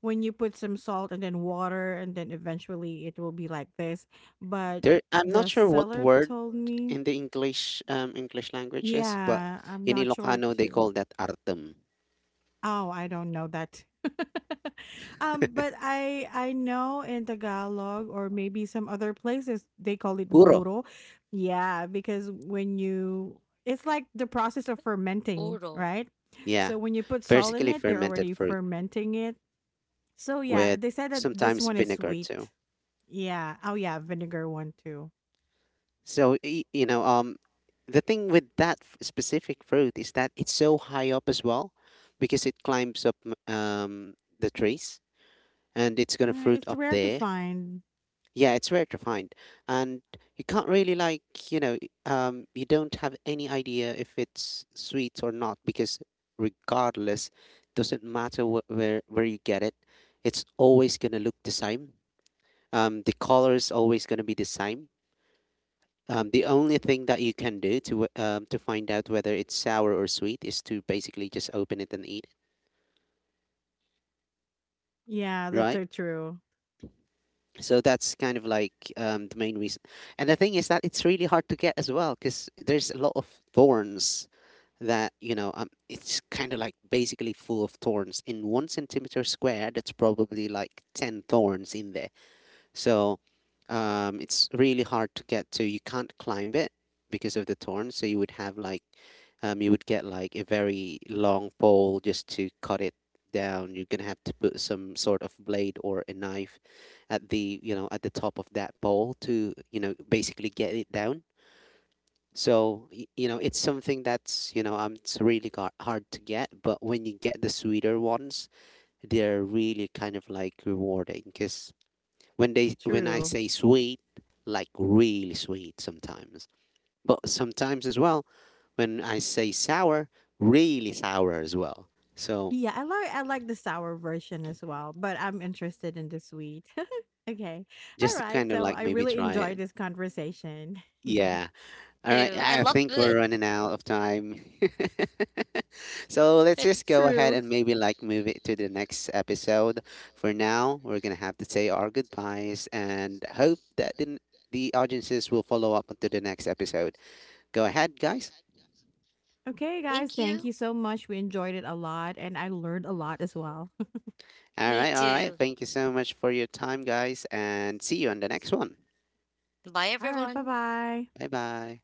when you put some salt and then water and then eventually it will be like this. But there. I'm not the sure what seller word told me, in the English language is, but yeah, I'm in not sure Ilocano they too. call that artem. Oh, I don't know that. [laughs] Um, but I know in Tagalog or maybe some other places they call it Puro. burro. Yeah, because when you it's like the process of fermenting, Total. right? Yeah, So when you put salt in basically it, you're fermented already fruit, fermenting it. So yeah, with they said that this sometimes one is vinegar sweet. too. Yeah. Oh, yeah, vinegar one too. So you know, the thing with that specific fruit is that it's so high up as well, because it climbs up the trees and it's gonna fruit It's up rare to there. find. Yeah, it's rare to find, and you can't really like you know you don't have any idea if it's sweet or not because regardless, doesn't matter where you get it, it's always gonna look the same. The color is always gonna be the same. The only thing that you can do to find out whether it's sour or sweet is to basically just open it and eat Yeah, it, that's right? so true. So that's kind of like the main reason. And the thing is that it's really hard to get as well because there's a lot of thorns that you know it's kind of like basically full of thorns in one centimeter square that's probably like 10 thorns in there so it's really hard to get to. You can't climb it because of the thorns so you would have like you would get like a very long pole just to cut it down. You're gonna have to put some sort of blade or a knife at the you know at the top of that pole to you know basically get it down. So you know it's something that's you know it's really hard to get, but when you get the sweeter ones, they're really kind of like rewarding because when I True. say sweet, like really sweet sometimes. But sometimes as well, when I say sour, really sour as well. So Yeah, I like the sour version as well, but I'm interested in the sweet. [laughs] Okay. All just to right. kind of So like I maybe really try it. enjoyed this conversation. Yeah. All right. Too. I I love think we're food. running out of time. [laughs] So let's just [laughs] [laughs] go ahead True. and maybe like move it to the next episode. For now, we're going to have to say our goodbyes and hope that the audiences will follow up to the next episode. Go ahead, guys. Okay, guys, Thank thank you you. so much. We enjoyed it a lot and I learned a lot as well. All right. Me All right. too. Thank you so much for your time, guys. And see you on the next one. Bye, [laughs] All right, everyone. bye-bye. Bye bye.